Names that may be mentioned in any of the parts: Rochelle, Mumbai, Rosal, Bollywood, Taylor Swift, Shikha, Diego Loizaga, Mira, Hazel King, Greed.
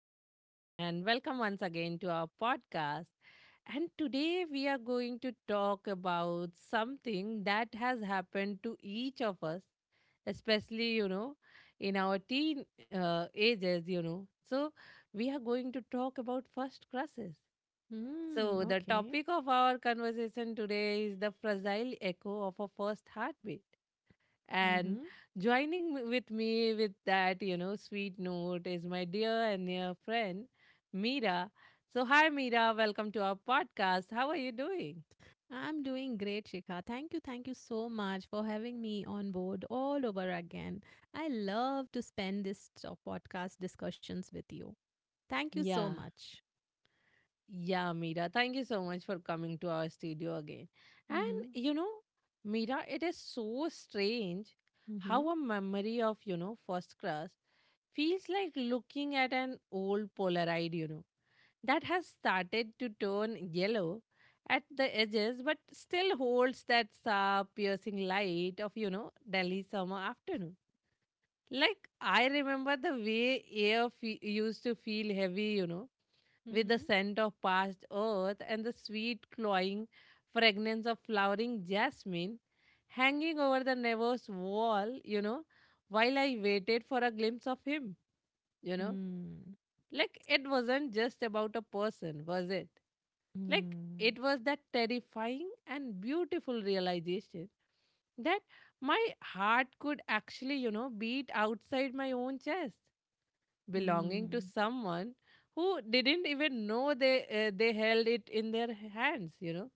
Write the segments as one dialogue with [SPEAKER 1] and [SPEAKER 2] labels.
[SPEAKER 1] everyone, and welcome once again to our podcast. And today we are going to talk about something that has happened to each of us, especially, in our teen ages. So, we are going to talk about first crushes.
[SPEAKER 2] Mm,
[SPEAKER 1] So, the
[SPEAKER 2] okay.
[SPEAKER 1] topic of our conversation today is the fragile echo of a first heartbeat. And
[SPEAKER 2] Mm-hmm.
[SPEAKER 1] joining with me with that, sweet note is my dear and near friend, Mira. So, hi, Mira. Welcome to our podcast. How are you doing?
[SPEAKER 2] I'm doing great, Shikha. Thank you so much for having me on board all over again. I love to spend this podcast discussions with you. Thank you so
[SPEAKER 1] Yeah.
[SPEAKER 2] much.
[SPEAKER 1] Yeah, Meera, thank you so much for coming to our studio again. And
[SPEAKER 2] Mm-hmm.
[SPEAKER 1] you know, Meera, it is so strange how
[SPEAKER 2] Mm-hmm.
[SPEAKER 1] a memory of, first crush feels like looking at an old Polaroid, that has started to turn yellow at the edges but still holds that sharp, piercing light of, Delhi summer afternoon. Like, I remember the way air used to feel heavy, with the
[SPEAKER 2] Mm-hmm.
[SPEAKER 1] scent of past earth and the sweet, cloying fragrance of flowering jasmine hanging over the nervous wall, while I waited for a glimpse of him, you know. Like, it wasn't just about a person, was it? Like,
[SPEAKER 2] Mm-hmm.
[SPEAKER 1] it was that terrifying and beautiful realization that my heart could actually, beat outside my own chest, belonging
[SPEAKER 2] Mm-hmm.
[SPEAKER 1] to someone who didn't even know they held it in their hands.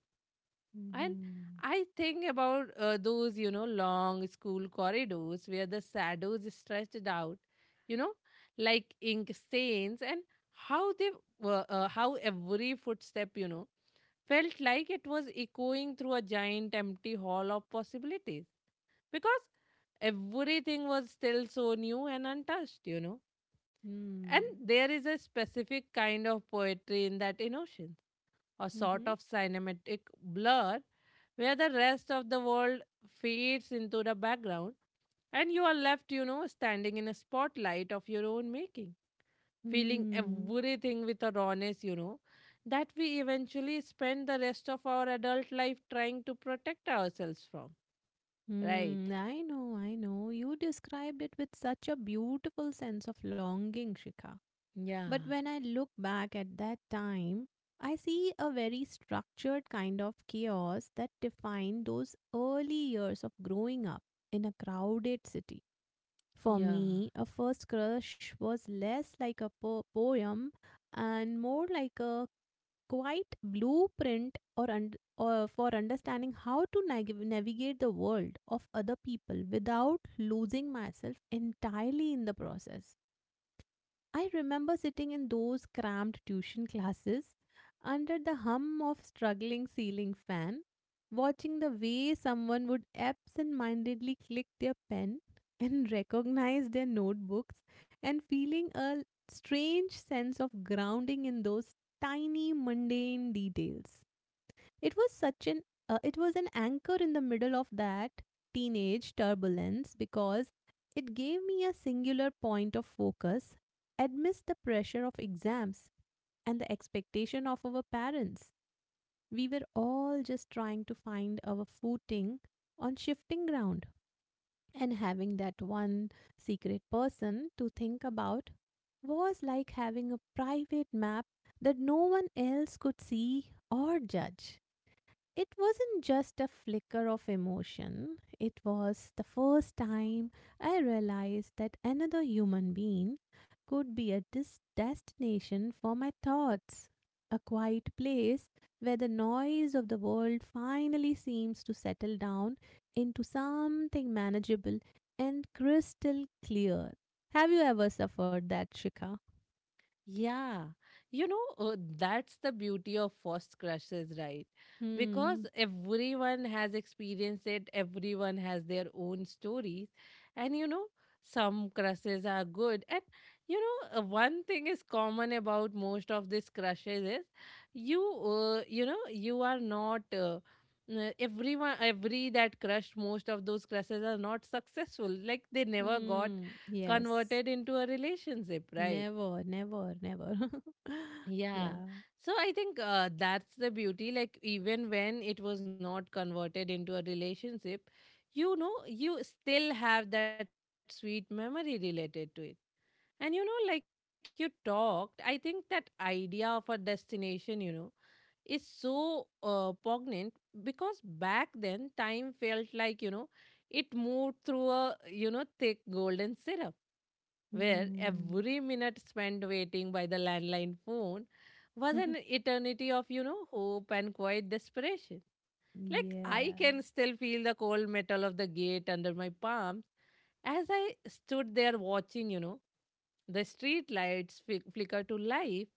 [SPEAKER 1] And
[SPEAKER 2] Mm-hmm.
[SPEAKER 1] I think about those, long school corridors where the shadows stretched out, you know like ink stains, and how they were how every footstep, felt like it was echoing through a giant empty hall of possibilities, because everything was still so new and untouched, and
[SPEAKER 2] Mm.
[SPEAKER 1] there is a specific kind of poetry in that emotion, a sort
[SPEAKER 2] Mm-hmm.
[SPEAKER 1] of cinematic blur where the rest of the world fades into the background and you are left, standing in a spotlight of your own making, feeling
[SPEAKER 2] Mm.
[SPEAKER 1] everything with a rawness, that we eventually spend the rest of our adult life trying to protect ourselves from. Right.
[SPEAKER 2] I know, I know. You described it with such a beautiful sense of longing, Shikha.
[SPEAKER 1] Yeah.
[SPEAKER 2] But when I look back at that time, I see a very structured kind of chaos that defined those early years of growing up in a crowded city. For
[SPEAKER 1] Yeah.
[SPEAKER 2] me, a first crush was less like a poem and more like a quite blueprint or for understanding how to navigate the world of other people without losing myself entirely in the process. I remember sitting in those cramped tuition classes under the hum of struggling ceiling fan, watching the way someone would absent-mindedly click their pen and recognize their notebooks and feeling a strange sense of grounding in those tiny mundane details. It was such an it was an anchor in the middle of that teenage turbulence because it gave me a singular point of focus amidst the pressure of exams and the expectation of our parents. We were all just trying to find our footing on shifting ground, and having that one secret person to think about was like having a private map that no one else could see or judge. It wasn't just a flicker of emotion. It was the first time I realized that another human being could be a destination for my thoughts, a quiet place where the noise of the world finally seems to settle down into something manageable and crystal clear. Have you ever suffered that, Shika?
[SPEAKER 1] Yeah, that's the beauty of first crushes, right? Because
[SPEAKER 2] Hmm.
[SPEAKER 1] everyone has experienced it, everyone has their own stories, and, some crushes are good. And, one thing is common about most of these crushes is you, you are not. Everyone, every that crush, most of those crushes are not successful, like they never got
[SPEAKER 2] Hmm. Yes.
[SPEAKER 1] converted into a relationship, right?
[SPEAKER 2] Never, never, never.
[SPEAKER 1] Yeah.
[SPEAKER 2] Yeah.
[SPEAKER 1] So I think, that's the beauty. Like, even when it was not converted into a relationship, you still have that sweet memory related to it. And, like you talked, I think that idea of a destination, is so poignant, because back then time felt like, it moved through a, thick golden syrup, where
[SPEAKER 2] Mm.
[SPEAKER 1] every minute spent waiting by the landline phone was an eternity of, hope and quiet desperation. Like, I
[SPEAKER 2] Yeah.
[SPEAKER 1] can still feel the cold metal of the gate under my palms as I stood there watching, the street lights flicker to life,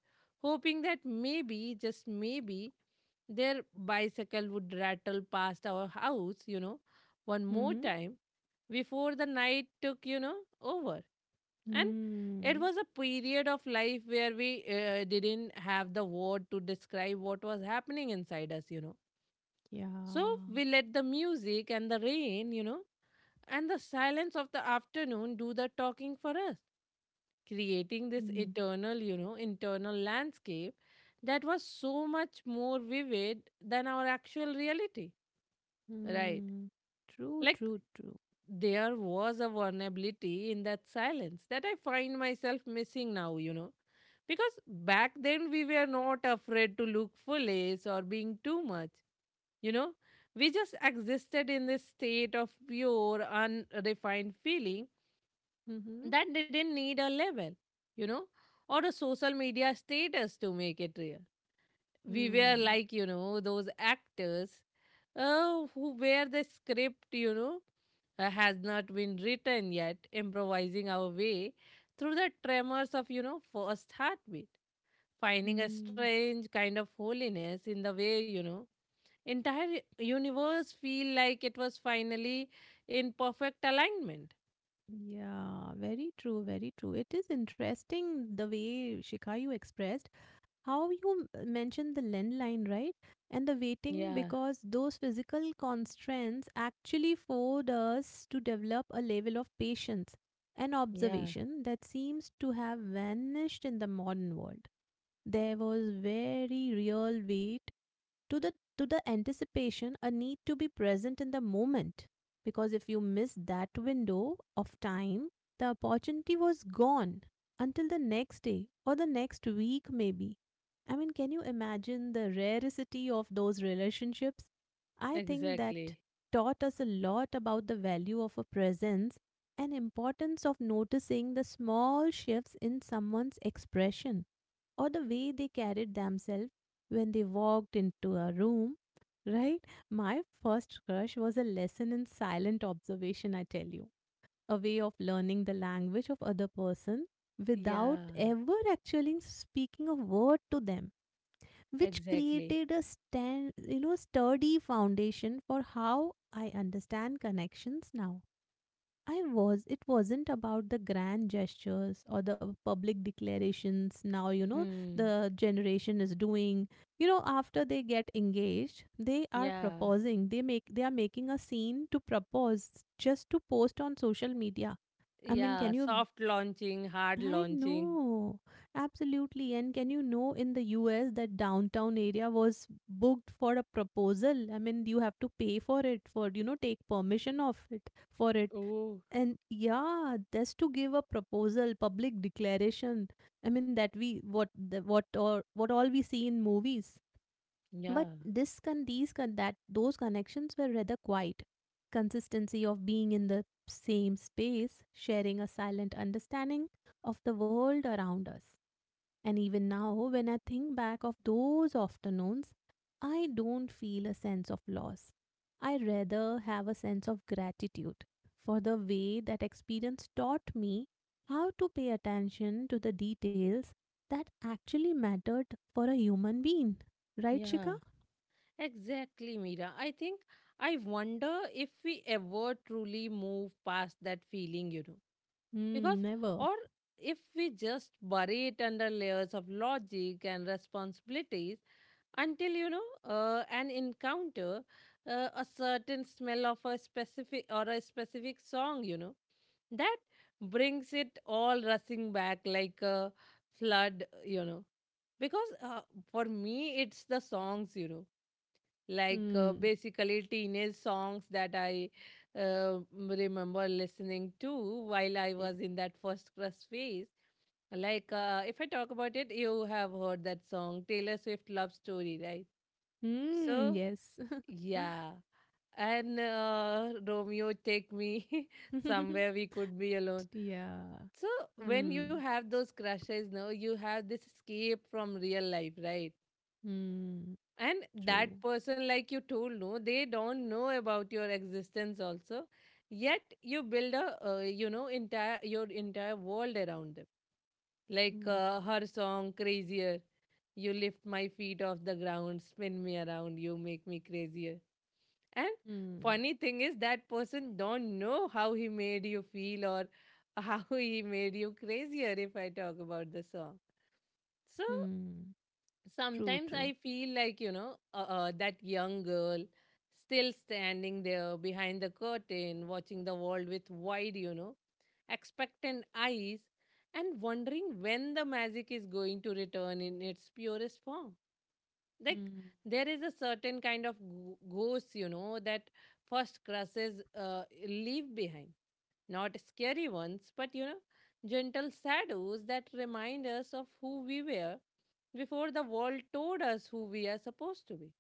[SPEAKER 1] hoping that maybe, just maybe, their bicycle would rattle past our house, one more
[SPEAKER 2] Mm-hmm.
[SPEAKER 1] time before the night took, over. And it
[SPEAKER 2] Mm.
[SPEAKER 1] was a period of life where we, didn't have the word to describe what was happening inside us. So
[SPEAKER 2] Yeah.
[SPEAKER 1] we let the music and the rain, and the silence of the afternoon do the talking for us, creating this
[SPEAKER 2] Mm.
[SPEAKER 1] eternal, internal landscape that was so much more vivid than our actual reality, right?
[SPEAKER 2] Mm. True,
[SPEAKER 1] Like,
[SPEAKER 2] true, true.
[SPEAKER 1] there was a vulnerability in that silence that I find myself missing now. Because back then we were not afraid to look foolish or being too much. You know, we just existed in this state of pure, unrefined feeling
[SPEAKER 2] Mm-hmm.
[SPEAKER 1] that didn't need a level, you know, or a social media status to make it real. We were
[SPEAKER 2] Mm.
[SPEAKER 1] like, those actors, who where the script, has not been written yet, improvising our way through the tremors of, first heartbeat, finding a
[SPEAKER 2] Mm.
[SPEAKER 1] strange kind of holiness in the way, entire universe feel like it was finally in perfect alignment.
[SPEAKER 2] Yeah, very true, very true. It is interesting the way Shikha you expressed how you mentioned the land line, right, and the waiting,
[SPEAKER 1] Yeah,
[SPEAKER 2] because those physical constraints actually forced us to develop a level of patience and
[SPEAKER 1] yeah,
[SPEAKER 2] observation that seems to have vanished in the modern world. There was very real wait to the to the anticipation, a need to be present in the moment, because if you miss that window of time, the opportunity was gone until the next day or the next week, maybe. I mean, can you imagine the rarity of those relationships? I think that
[SPEAKER 1] exactly.
[SPEAKER 2] taught us a lot about the value of a presence and importance of noticing the small shifts in someone's expression or the way they carried themselves when they walked into a room, right? My first crush was a lesson in silent observation, I tell you, a way of learning the language of other person
[SPEAKER 1] Yeah,
[SPEAKER 2] without ever actually speaking a word to them, which
[SPEAKER 1] exactly.
[SPEAKER 2] created a sturdy foundation for how I understand connections now. I was. It wasn't about the grand gestures or the public declarations. Now, you know,
[SPEAKER 1] Hmm.
[SPEAKER 2] the generation is doing, you know, after they get engaged, they are
[SPEAKER 1] Yeah,
[SPEAKER 2] proposing. They are making a scene to propose just to post on social media. I mean,
[SPEAKER 1] yeah. Yeah,
[SPEAKER 2] can you?
[SPEAKER 1] soft launching, hard
[SPEAKER 2] I
[SPEAKER 1] launching.
[SPEAKER 2] know. Absolutely. And can you know in the US that downtown area was booked for a proposal? I mean, you have to pay for it, for, you know, take permission of it for it
[SPEAKER 1] Oh,
[SPEAKER 2] and yeah, just to give a proposal, public declaration. I mean that we what the, what or what all we see in movies. But
[SPEAKER 1] yeah,
[SPEAKER 2] this con these con that those connections were rather quiet. Consistency of being in the same space, sharing a silent understanding of the world around us. And even now, when I think back of those afternoons, I don't feel a sense of loss. I rather have a sense of gratitude for the way that experience taught me how to pay attention to the details that actually mattered for a human being. Right, Shika?
[SPEAKER 1] yeah. Exactly, Mira. I think I wonder if we ever truly move past that feeling. Because,
[SPEAKER 2] Hmm, never.
[SPEAKER 1] or if we just bury it under layers of logic and responsibilities until, an encounter, a certain smell of a specific song, that brings it all rushing back like a flood. Because, for me, it's the songs, like,
[SPEAKER 2] Hmm.
[SPEAKER 1] basically teenage songs that I, remember listening to while I
[SPEAKER 2] Yeah.
[SPEAKER 1] was in that first crush phase. Like, if I talk about it, you have heard that song, Taylor Swift Love Story, right?
[SPEAKER 2] Hmm,
[SPEAKER 1] So,
[SPEAKER 2] yes.
[SPEAKER 1] yeah. And, Romeo, take me somewhere we could be alone.
[SPEAKER 2] Yeah.
[SPEAKER 1] So, when you
[SPEAKER 2] Hmm.
[SPEAKER 1] have those crushes, now you have this escape from real life, right?
[SPEAKER 2] Hmm.
[SPEAKER 1] And that
[SPEAKER 2] True.
[SPEAKER 1] person, like you told, no, they don't know about your existence also, yet you build a, entire world around them, like,
[SPEAKER 2] Hmm.
[SPEAKER 1] her song crazier. You lift my feet off the ground, spin me around, you make me crazier. And
[SPEAKER 2] Hmm.
[SPEAKER 1] funny thing is that person don't know how he made you feel, or, how he made you crazier, if I talk about the song. So
[SPEAKER 2] Hmm. True,
[SPEAKER 1] sometimes I
[SPEAKER 2] true.
[SPEAKER 1] feel like, that young girl still standing there behind the curtain, watching the world with wide, expectant eyes, and wondering when the magic is going to return in its purest form. Like,
[SPEAKER 2] Hmm.
[SPEAKER 1] there is a certain kind of ghost, that first crushes, leave behind. Not scary ones, but, gentle shadows that remind us of who we were before the world told us who we are supposed to be.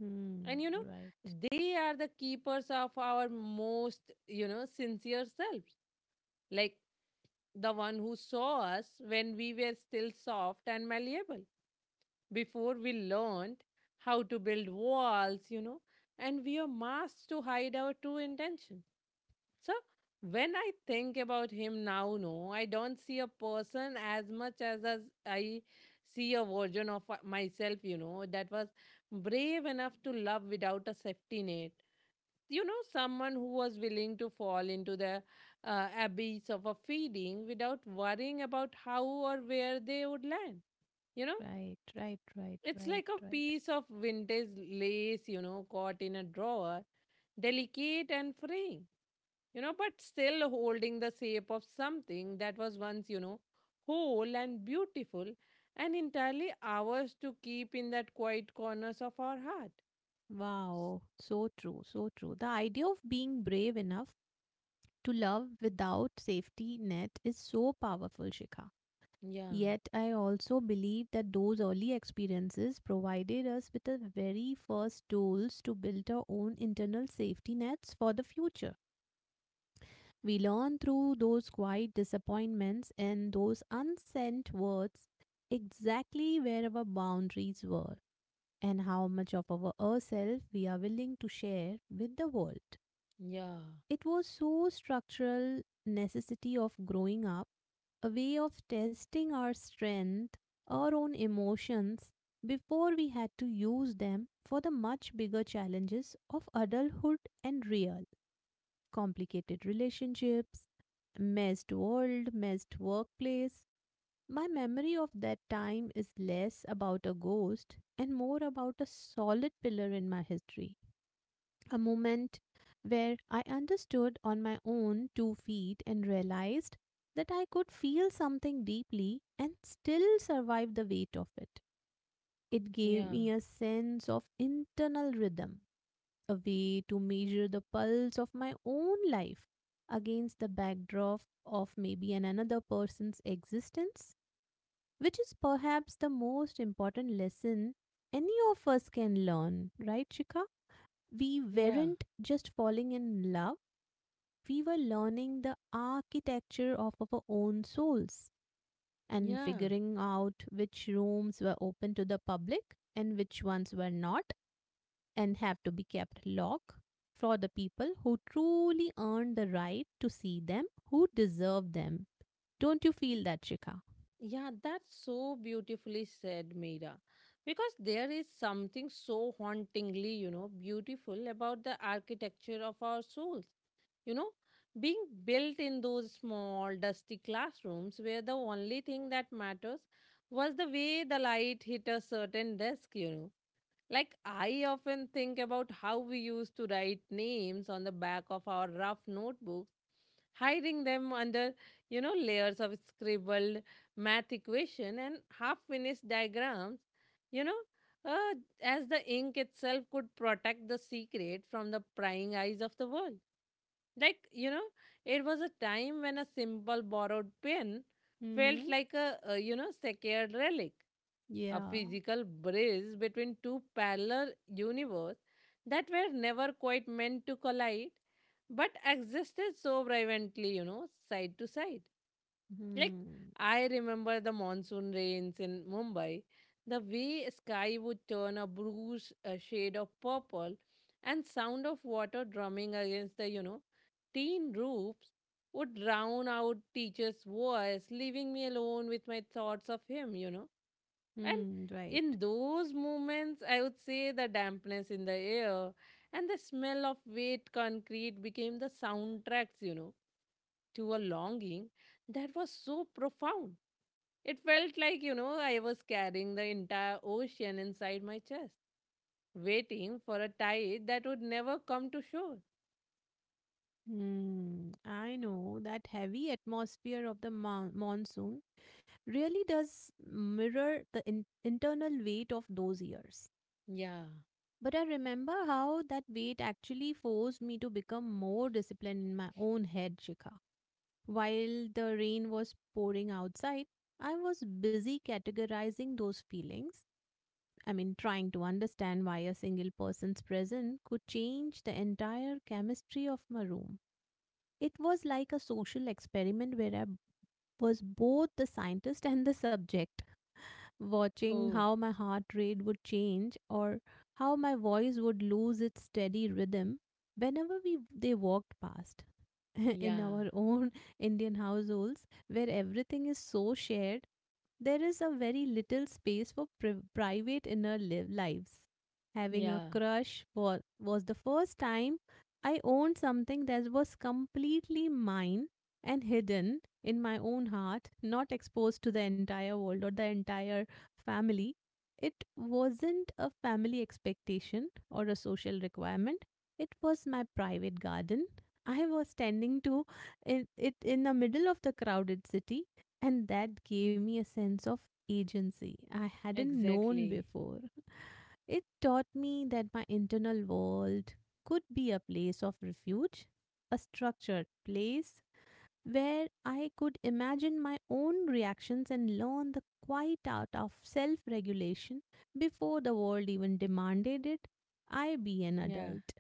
[SPEAKER 2] Hmm.
[SPEAKER 1] And,
[SPEAKER 2] Right.
[SPEAKER 1] they are the keepers of our most, sincere selves. Like the one who saw us when we were still soft and malleable, before we learned how to build walls, and we are masked to hide our true intentions. So when I think about him now, no, I don't see a person as much as I see a version of, myself, that was brave enough to love without a safety net. You know, someone who was willing to fall into the, abyss of a feeding without worrying about how or where they would land. You know,
[SPEAKER 2] Right. Right. Right.
[SPEAKER 1] it's
[SPEAKER 2] Right.
[SPEAKER 1] like a
[SPEAKER 2] Right.
[SPEAKER 1] piece of vintage lace, caught in a drawer, delicate and fraying, but still holding the shape of something that was once, whole and beautiful and entirely ours to keep in that quiet corners of our heart.
[SPEAKER 2] Wow. So true. So true. The idea of being brave enough to love without safety net is so powerful, Shikha.
[SPEAKER 1] Yeah,
[SPEAKER 2] Yet I also believe that those early experiences provided us with the very first tools to build our own internal safety nets for the future. We learn through those quiet disappointments and those unsent words exactly where our boundaries were and how much of our ourselves we are willing to share with the world.
[SPEAKER 1] yeah,
[SPEAKER 2] It was so structural necessity of growing up, a way of testing our strength, our own emotions before we had to use them for the much bigger challenges of adulthood and real complicated relationships, messed world, messed workplace. My memory of that time is less about a ghost and more about a solid pillar in my history. A moment where I understood on my own two feet and realized that I could feel something deeply and still survive the weight of it. It gave
[SPEAKER 1] yeah,
[SPEAKER 2] me a sense of internal rhythm, a way to measure the pulse of my own life against the backdrop of maybe an another person's existence, which is perhaps the most important lesson any of us can learn, right, Shika? We
[SPEAKER 1] yeah,
[SPEAKER 2] weren't just falling in love, we were learning the architecture of our own souls and
[SPEAKER 1] yeah.
[SPEAKER 2] figuring out which rooms were open to the public and which ones were not, and have to be kept locked for the people who truly earn the right to see them, who deserve them. Don't you
[SPEAKER 1] N-
[SPEAKER 2] feel that, Shikha?
[SPEAKER 1] Yeah, that's so beautifully said, Meera. Because there is something so hauntingly, beautiful about the architecture of our souls, you know, being built in those small, dusty classrooms where the only thing that matters was the way the light hit a certain desk. Like, I often think about how we used to write names on the back of our rough notebooks, hiding them under, layers of scribbled math equation and half-finished diagrams, you know, uh, as the ink itself could protect the secret from the prying eyes of the world. Like, it was a time when a simple borrowed pen felt
[SPEAKER 2] Mm-hmm.
[SPEAKER 1] like a sacred relic, a
[SPEAKER 2] Yeah.
[SPEAKER 1] physical bridge between two parallel universes that were never quite meant to collide, but existed so brilliantly, side to side. Like
[SPEAKER 2] Hmm.
[SPEAKER 1] I remember the monsoon rains in Mumbai, the way sky would turn a bruised, shade of purple, and sound of water drumming against the, tin roofs would drown out teacher's voice, leaving me alone with my thoughts of him. And
[SPEAKER 2] Hmm. Right.
[SPEAKER 1] in those moments, I would say the dampness in the air and the smell of wet concrete became the soundtracks, to a longing that was so profound. It felt like, I was carrying the entire ocean inside my chest, waiting for a tide that would never come to shore.
[SPEAKER 2] Hmm. I know that heavy atmosphere of the monsoon really does mirror the internal weight of those years.
[SPEAKER 1] Yeah.
[SPEAKER 2] But I remember how that weight actually forced me to become more disciplined in my own head, Shikha. While the rain was pouring outside, I was busy categorizing those feelings. I mean, trying to understand why a single person's presence could change the entire chemistry of my room. It was like a social experiment where I was both the scientist and the subject, watching
[SPEAKER 1] Oh,
[SPEAKER 2] how my heart rate would change or how my voice would lose its steady rhythm whenever we they walked past in
[SPEAKER 1] yeah.
[SPEAKER 2] our own Indian households, where everything is so shared, there is a very little space for private inner lives. Having a
[SPEAKER 1] Yeah.
[SPEAKER 2] crush was the first time I owned something that was completely mine and hidden in my own heart, not exposed to the entire world or the entire family. It wasn't a family expectation or a social requirement, it was my private garden I was standing to it, it in the middle of the crowded city, and that gave me a sense of agency I hadn't known
[SPEAKER 1] Exactly.
[SPEAKER 2] before. It taught me that my internal world could be a place of refuge, a structured place where I could imagine my own reactions and learn the quiet art of self regulation before the world even demanded it. I be an
[SPEAKER 1] Yeah.
[SPEAKER 2] adult,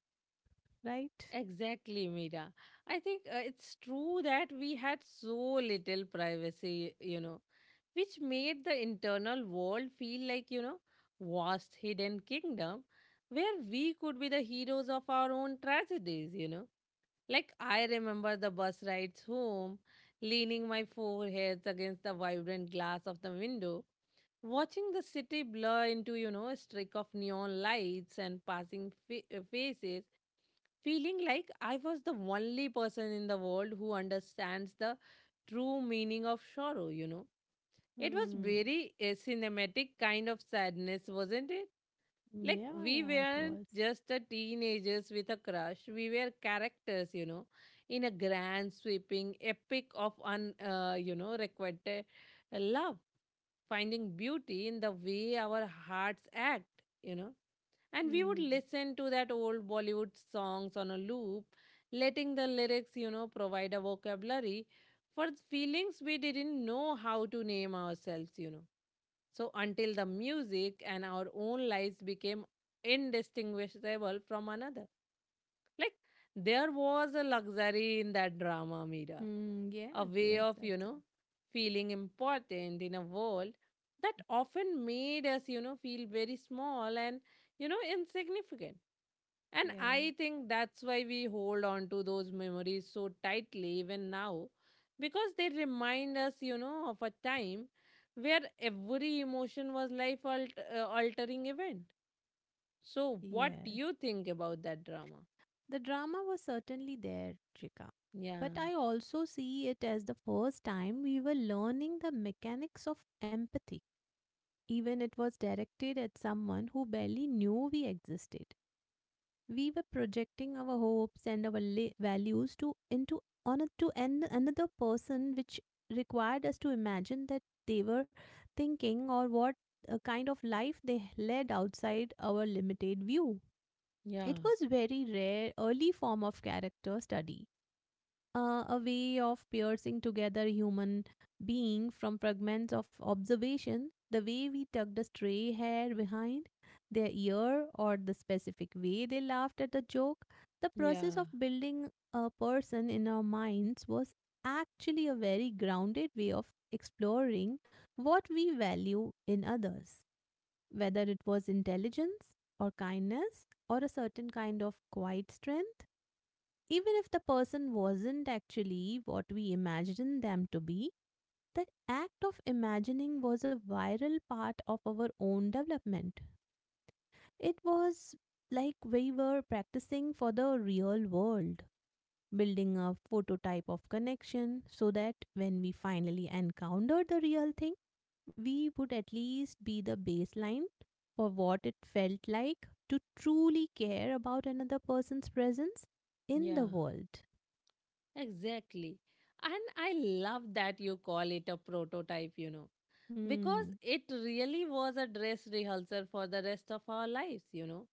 [SPEAKER 2] right?
[SPEAKER 1] Exactly, Mira. I think, it's true that we had so little privacy, which made the internal world feel like, vast hidden kingdom where we could be the heroes of our own tragedies. Like I remember the bus rides home, leaning my foreheads against the vibrant glass of the window, watching the city blur into, you know, a streak of neon lights and passing faces, feeling like I was the only person in the world who understands the true meaning of sorrow. It was
[SPEAKER 2] Hmm.
[SPEAKER 1] very a cinematic kind of sadness, wasn't it? Like
[SPEAKER 2] Yeah,
[SPEAKER 1] we
[SPEAKER 2] yeah, it
[SPEAKER 1] weren't
[SPEAKER 2] was.
[SPEAKER 1] just a teenagers with a crush. We were characters, you know, in a grand sweeping epic of you know, requited love, finding beauty in the way our hearts act, you know, and we would
[SPEAKER 2] Mm.
[SPEAKER 1] listen to that old Bollywood songs on a loop, letting the lyrics, you know, provide a vocabulary for feelings we didn't know how to name ourselves. So until the music and our own lives became indistinguishable from another. Like there was a luxury in that drama, Mira,
[SPEAKER 2] Mm,
[SPEAKER 1] a
[SPEAKER 2] yes,
[SPEAKER 1] way
[SPEAKER 2] yes,
[SPEAKER 1] of, you know,
[SPEAKER 2] absolutely.
[SPEAKER 1] feeling important in a world that often made us, you know, feel very small and, you know, insignificant. And
[SPEAKER 2] Yes,
[SPEAKER 1] I think that's why we hold on to those memories so tightly even now, because they remind us, you know, of a time where every emotion was life altering event. So, what do
[SPEAKER 2] yes.
[SPEAKER 1] you think about that drama?
[SPEAKER 2] The drama was certainly there, Trika.
[SPEAKER 1] Yeah,
[SPEAKER 2] But I also see it as the first time we were learning the mechanics of empathy. Even it was directed at someone who barely knew we existed. We were projecting our hopes and our values to into on a, to an, another person which required us to imagine that they were thinking or what kind of life they led outside our limited view. It
[SPEAKER 1] yeah,
[SPEAKER 2] was very rare early form of character study, a way of piercing together human being from fragments of observation, the way we tucked a stray hair behind their ear, or the specific way they laughed at a joke. The process
[SPEAKER 1] yeah,
[SPEAKER 2] of building a person in our minds was actually a very grounded way of exploring what we value in others, whether it was intelligence or kindness or a certain kind of quiet strength. Even if the person wasn't actually what we imagined them to be, the act of imagining was a viral part of our own development. It was like we were practicing for the real world, building a prototype of connection so that when we finally encountered the real thing, we would at least be the baseline for what it felt like to truly care about another person's presence in the
[SPEAKER 1] yeah.
[SPEAKER 2] world.
[SPEAKER 1] Exactly. And I love that you call it a prototype, you know, because
[SPEAKER 2] Mm,
[SPEAKER 1] it really was a dress rehearsal for the rest of our lives, you know,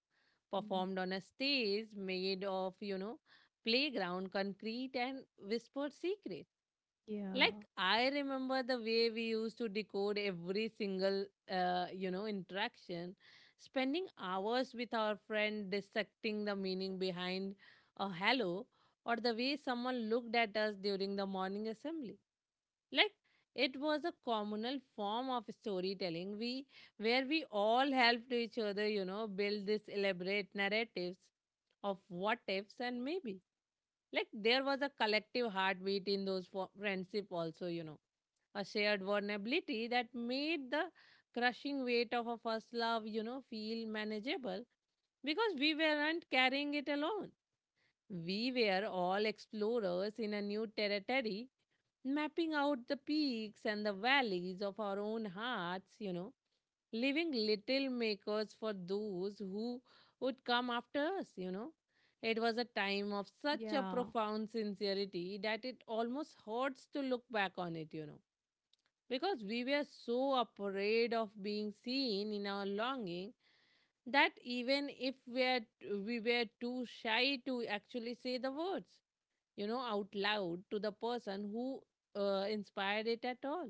[SPEAKER 2] mm,
[SPEAKER 1] performed on a stage made of, you know, playground, concrete, and whispered secrets.
[SPEAKER 2] yeah,
[SPEAKER 1] Like I remember the way we used to decode every single you know, interaction, spending hours with our friend dissecting the meaning behind a hello or the way someone looked at us during the morning assembly. Like it was a communal form of storytelling we where we all helped each other, you know, build these elaborate narratives of what ifs and maybe. Like there was a collective heartbeat in those friendship also, you know, a shared vulnerability that made the crushing weight of a first love, you know, feel manageable because we weren't carrying it alone. We were all explorers in a new territory, mapping out the peaks and the valleys of our own hearts, you know, leaving little makers for those who would come after us, you know. It was a time of such a
[SPEAKER 2] yeah,
[SPEAKER 1] profound sincerity that it almost hurts to look back on it, you know, because we were so afraid of being seen in our longing that even if we are, we were too shy to actually say the words, you know, out loud to the person who inspired it at all,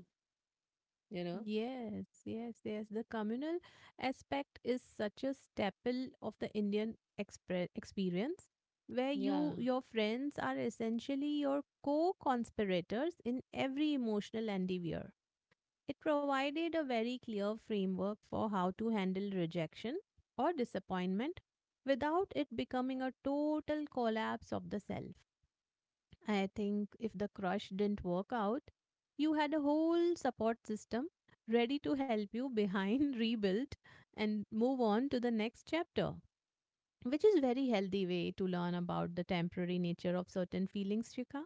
[SPEAKER 1] you know.
[SPEAKER 2] yes, yes, yes. The communal aspect is such a staple of the Indian expre experience, where you,
[SPEAKER 1] Yeah,
[SPEAKER 2] your friends are essentially your co-conspirators in every emotional endeavor. It provided a very clear framework for how to handle rejection or disappointment without it becoming a total collapse of the self. I think if the crush didn't work out, you had a whole support system ready to help you behind, rebuild, and move on to the next chapter, which is very healthy way to learn about the temporary nature of certain feelings, Shika.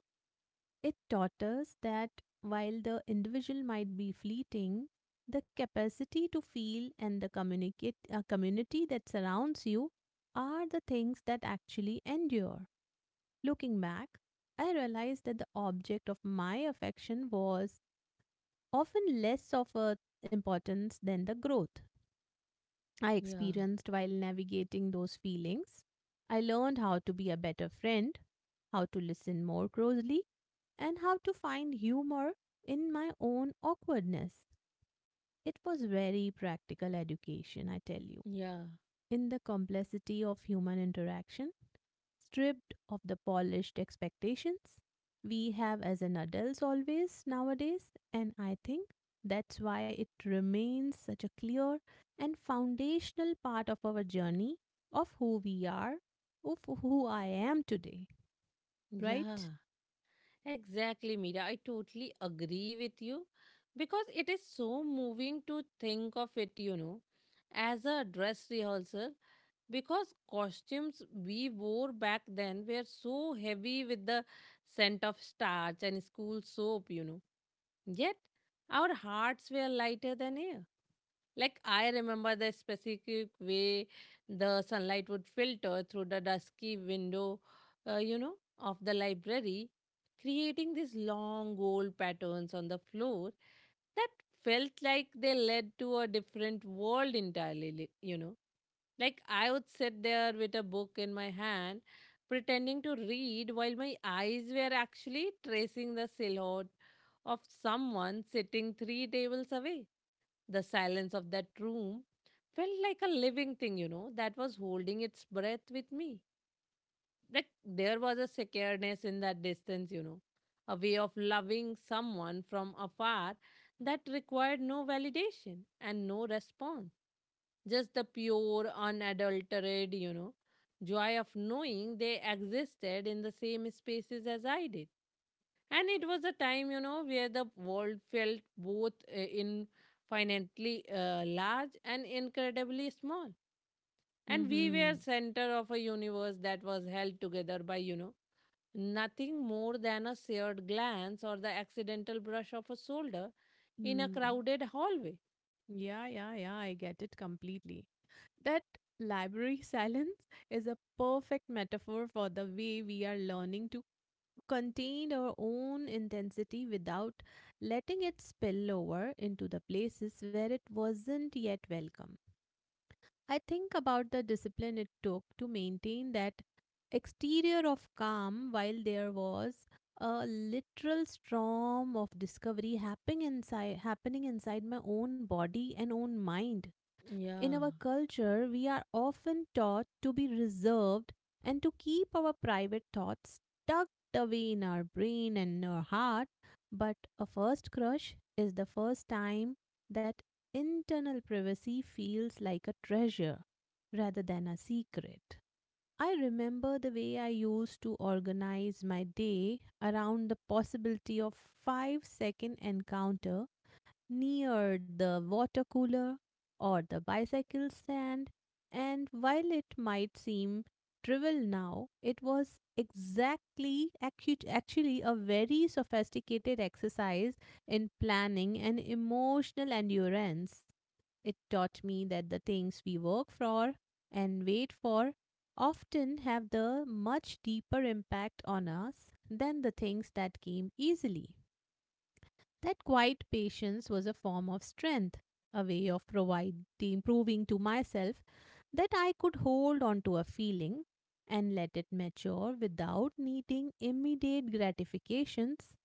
[SPEAKER 2] It taught us that while the individual might be fleeting, the capacity to feel and the community that surrounds you are the things that actually endure. Looking back, I realized that the object of my affection was often less of a importance than the growth I
[SPEAKER 1] yeah,
[SPEAKER 2] experienced while navigating those feelings. I learned how to be a better friend, how to listen more closely, and how to find humor in my own awkwardness. It was very practical education, I tell you,
[SPEAKER 1] yeah,
[SPEAKER 2] in the complexity of human interaction stripped of the polished expectations we have as an adults always nowadays. And I think that's why it remains such a clear and foundational part of our journey, of who we are, of who I am today, right?
[SPEAKER 1] yeah. Exactly, Mira. I totally agree with you because it is so moving to think of it, you know, as a dress rehearsal because costumes we wore back then were so heavy with the scent of starch and school soap, you know. Yet our hearts were lighter than air. Like I remember the specific way the sunlight would filter through the dusky window, you know, of the library, creating these long gold patterns on the floor that felt like they led to a different world entirely, you know. Like I would sit there with a book in my hand, pretending to read while my eyes were actually tracing the silhouette of someone sitting three tables away. The silence of that room felt like a living thing, you know, that was holding its breath with me. Like there was a secureness in that distance, you know, a way of loving someone from afar that required no validation and no response. Just the pure, unadulterated, you know, joy of knowing they existed in the same spaces as I did. And it was a time, you know, where the world felt both infinitely large and incredibly small, and we
[SPEAKER 2] Mm-hmm.
[SPEAKER 1] were center of a universe that was held together by, you know, nothing more than a shared glance or the accidental brush of a shoulder in a
[SPEAKER 2] Mm.
[SPEAKER 1] crowded hallway.
[SPEAKER 2] Yeah, yeah, yeah, I get it completely. That library silence is a perfect metaphor for the way we are learning to contained our own intensity without letting it spill over into the places where it wasn't yet welcome. I think about the discipline it took to maintain that exterior of calm while there was a literal storm of discovery happening inside my own body and own mind. In
[SPEAKER 1] Yeah,
[SPEAKER 2] our culture, we are often taught to be reserved and to keep our private thoughts tucked away in our brain and our heart. But a first crush is the first time that internal privacy feels like a treasure rather than a secret. I remember the way I used to organize my day around the possibility of 5-second encounter near the water cooler or the bicycle stand, and while it might seem trivial now, it was exactly actually a very sophisticated exercise in planning and emotional endurance. It taught me that the things we work for and wait for often have the much deeper impact on us than the things that came easily. That quiet patience was a form of strength, a way of proving to myself that I could hold on to a feeling and let it mature without needing immediate gratifications,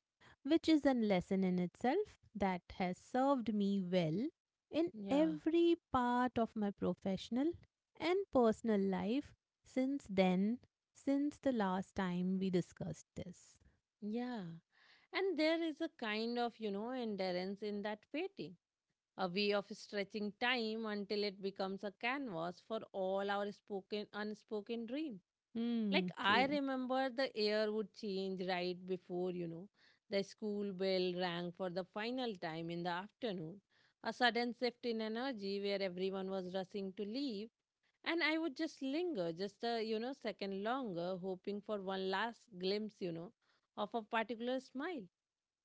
[SPEAKER 2] which is a lesson in itself that has served me well in
[SPEAKER 1] yeah,
[SPEAKER 2] every part of my professional and personal life since then, since the last time we discussed this.
[SPEAKER 1] yeah. And there is a kind of, you know, endurance in that waiting, a way of stretching time until it becomes a canvas for all our spoken unspoken dream.
[SPEAKER 2] Hmm,
[SPEAKER 1] Like I
[SPEAKER 2] true.
[SPEAKER 1] remember the air would change right before, you know, the school bell rang for the final time in the afternoon, a sudden shift in energy where everyone was rushing to leave, and I would just linger just a, you know, second longer, hoping for one last glimpse, you know, of a particular smile.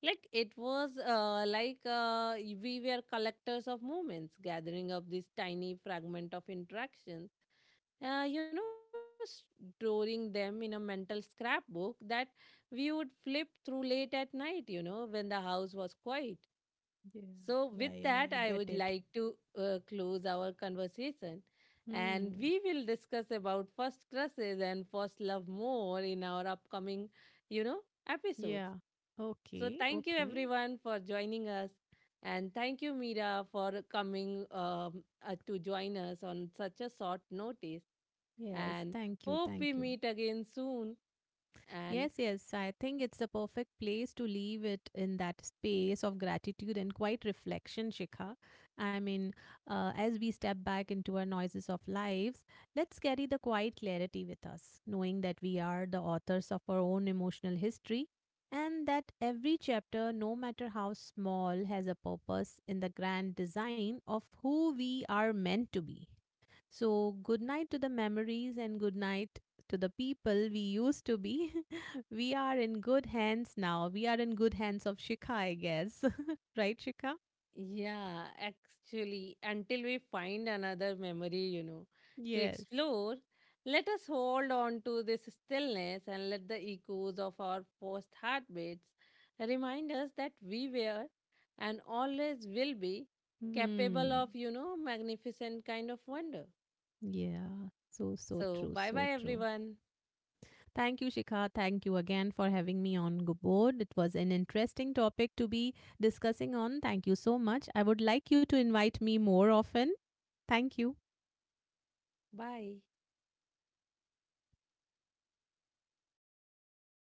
[SPEAKER 1] Like it was like we were collectors of moments, gathering up this tiny fragment of interaction, you know, storing them in a mental scrapbook that we would flip through late at night, you know, when the house was quiet.
[SPEAKER 2] Yeah,
[SPEAKER 1] So, with
[SPEAKER 2] yeah, yeah,
[SPEAKER 1] that,
[SPEAKER 2] I
[SPEAKER 1] I
[SPEAKER 2] get
[SPEAKER 1] would
[SPEAKER 2] it.
[SPEAKER 1] like to close our conversation. And
[SPEAKER 2] Hmm.
[SPEAKER 1] we will discuss about first crushes and first love more in our upcoming, you know, episodes.
[SPEAKER 2] Yeah.
[SPEAKER 1] So,
[SPEAKER 2] Okay,
[SPEAKER 1] thank you
[SPEAKER 2] okay.
[SPEAKER 1] everyone for joining us. And thank you, Mira, for coming to join us on such a short notice
[SPEAKER 2] Yes,
[SPEAKER 1] and
[SPEAKER 2] thank you,
[SPEAKER 1] hope we
[SPEAKER 2] thank you.
[SPEAKER 1] meet again soon. And
[SPEAKER 2] Yes, yes. I think it's the perfect place to leave it in that space of gratitude and quiet reflection, Shikha. I mean, as we step back into our noises of lives, let's carry the quiet clarity with us, knowing that we are the authors of our own emotional history and that every chapter, no matter how small, has a purpose in the grand design of who we are meant to be. So, good night to the memories and good night to the people we used to be. We are in good hands now. We are in good hands of Shikha, I guess. Right, Shikha?
[SPEAKER 1] yeah, actually, until we find another memory, you know, to
[SPEAKER 2] Yes.
[SPEAKER 1] explore, let us hold on to this stillness and let the echoes of our first heartbeats remind us that we were and always will be capable
[SPEAKER 2] Hmm.
[SPEAKER 1] of, you know, magnificent kind of wonder.
[SPEAKER 2] Yeah. So, so
[SPEAKER 1] So,
[SPEAKER 2] true.
[SPEAKER 1] bye
[SPEAKER 2] So
[SPEAKER 1] bye,
[SPEAKER 2] true.
[SPEAKER 1] everyone.
[SPEAKER 2] Thank you, Shikha. Thank you again for having me on Go board. It was an interesting topic to be discussing on. Thank you so much. I would like you to invite me more often. Thank you.
[SPEAKER 1] Bye.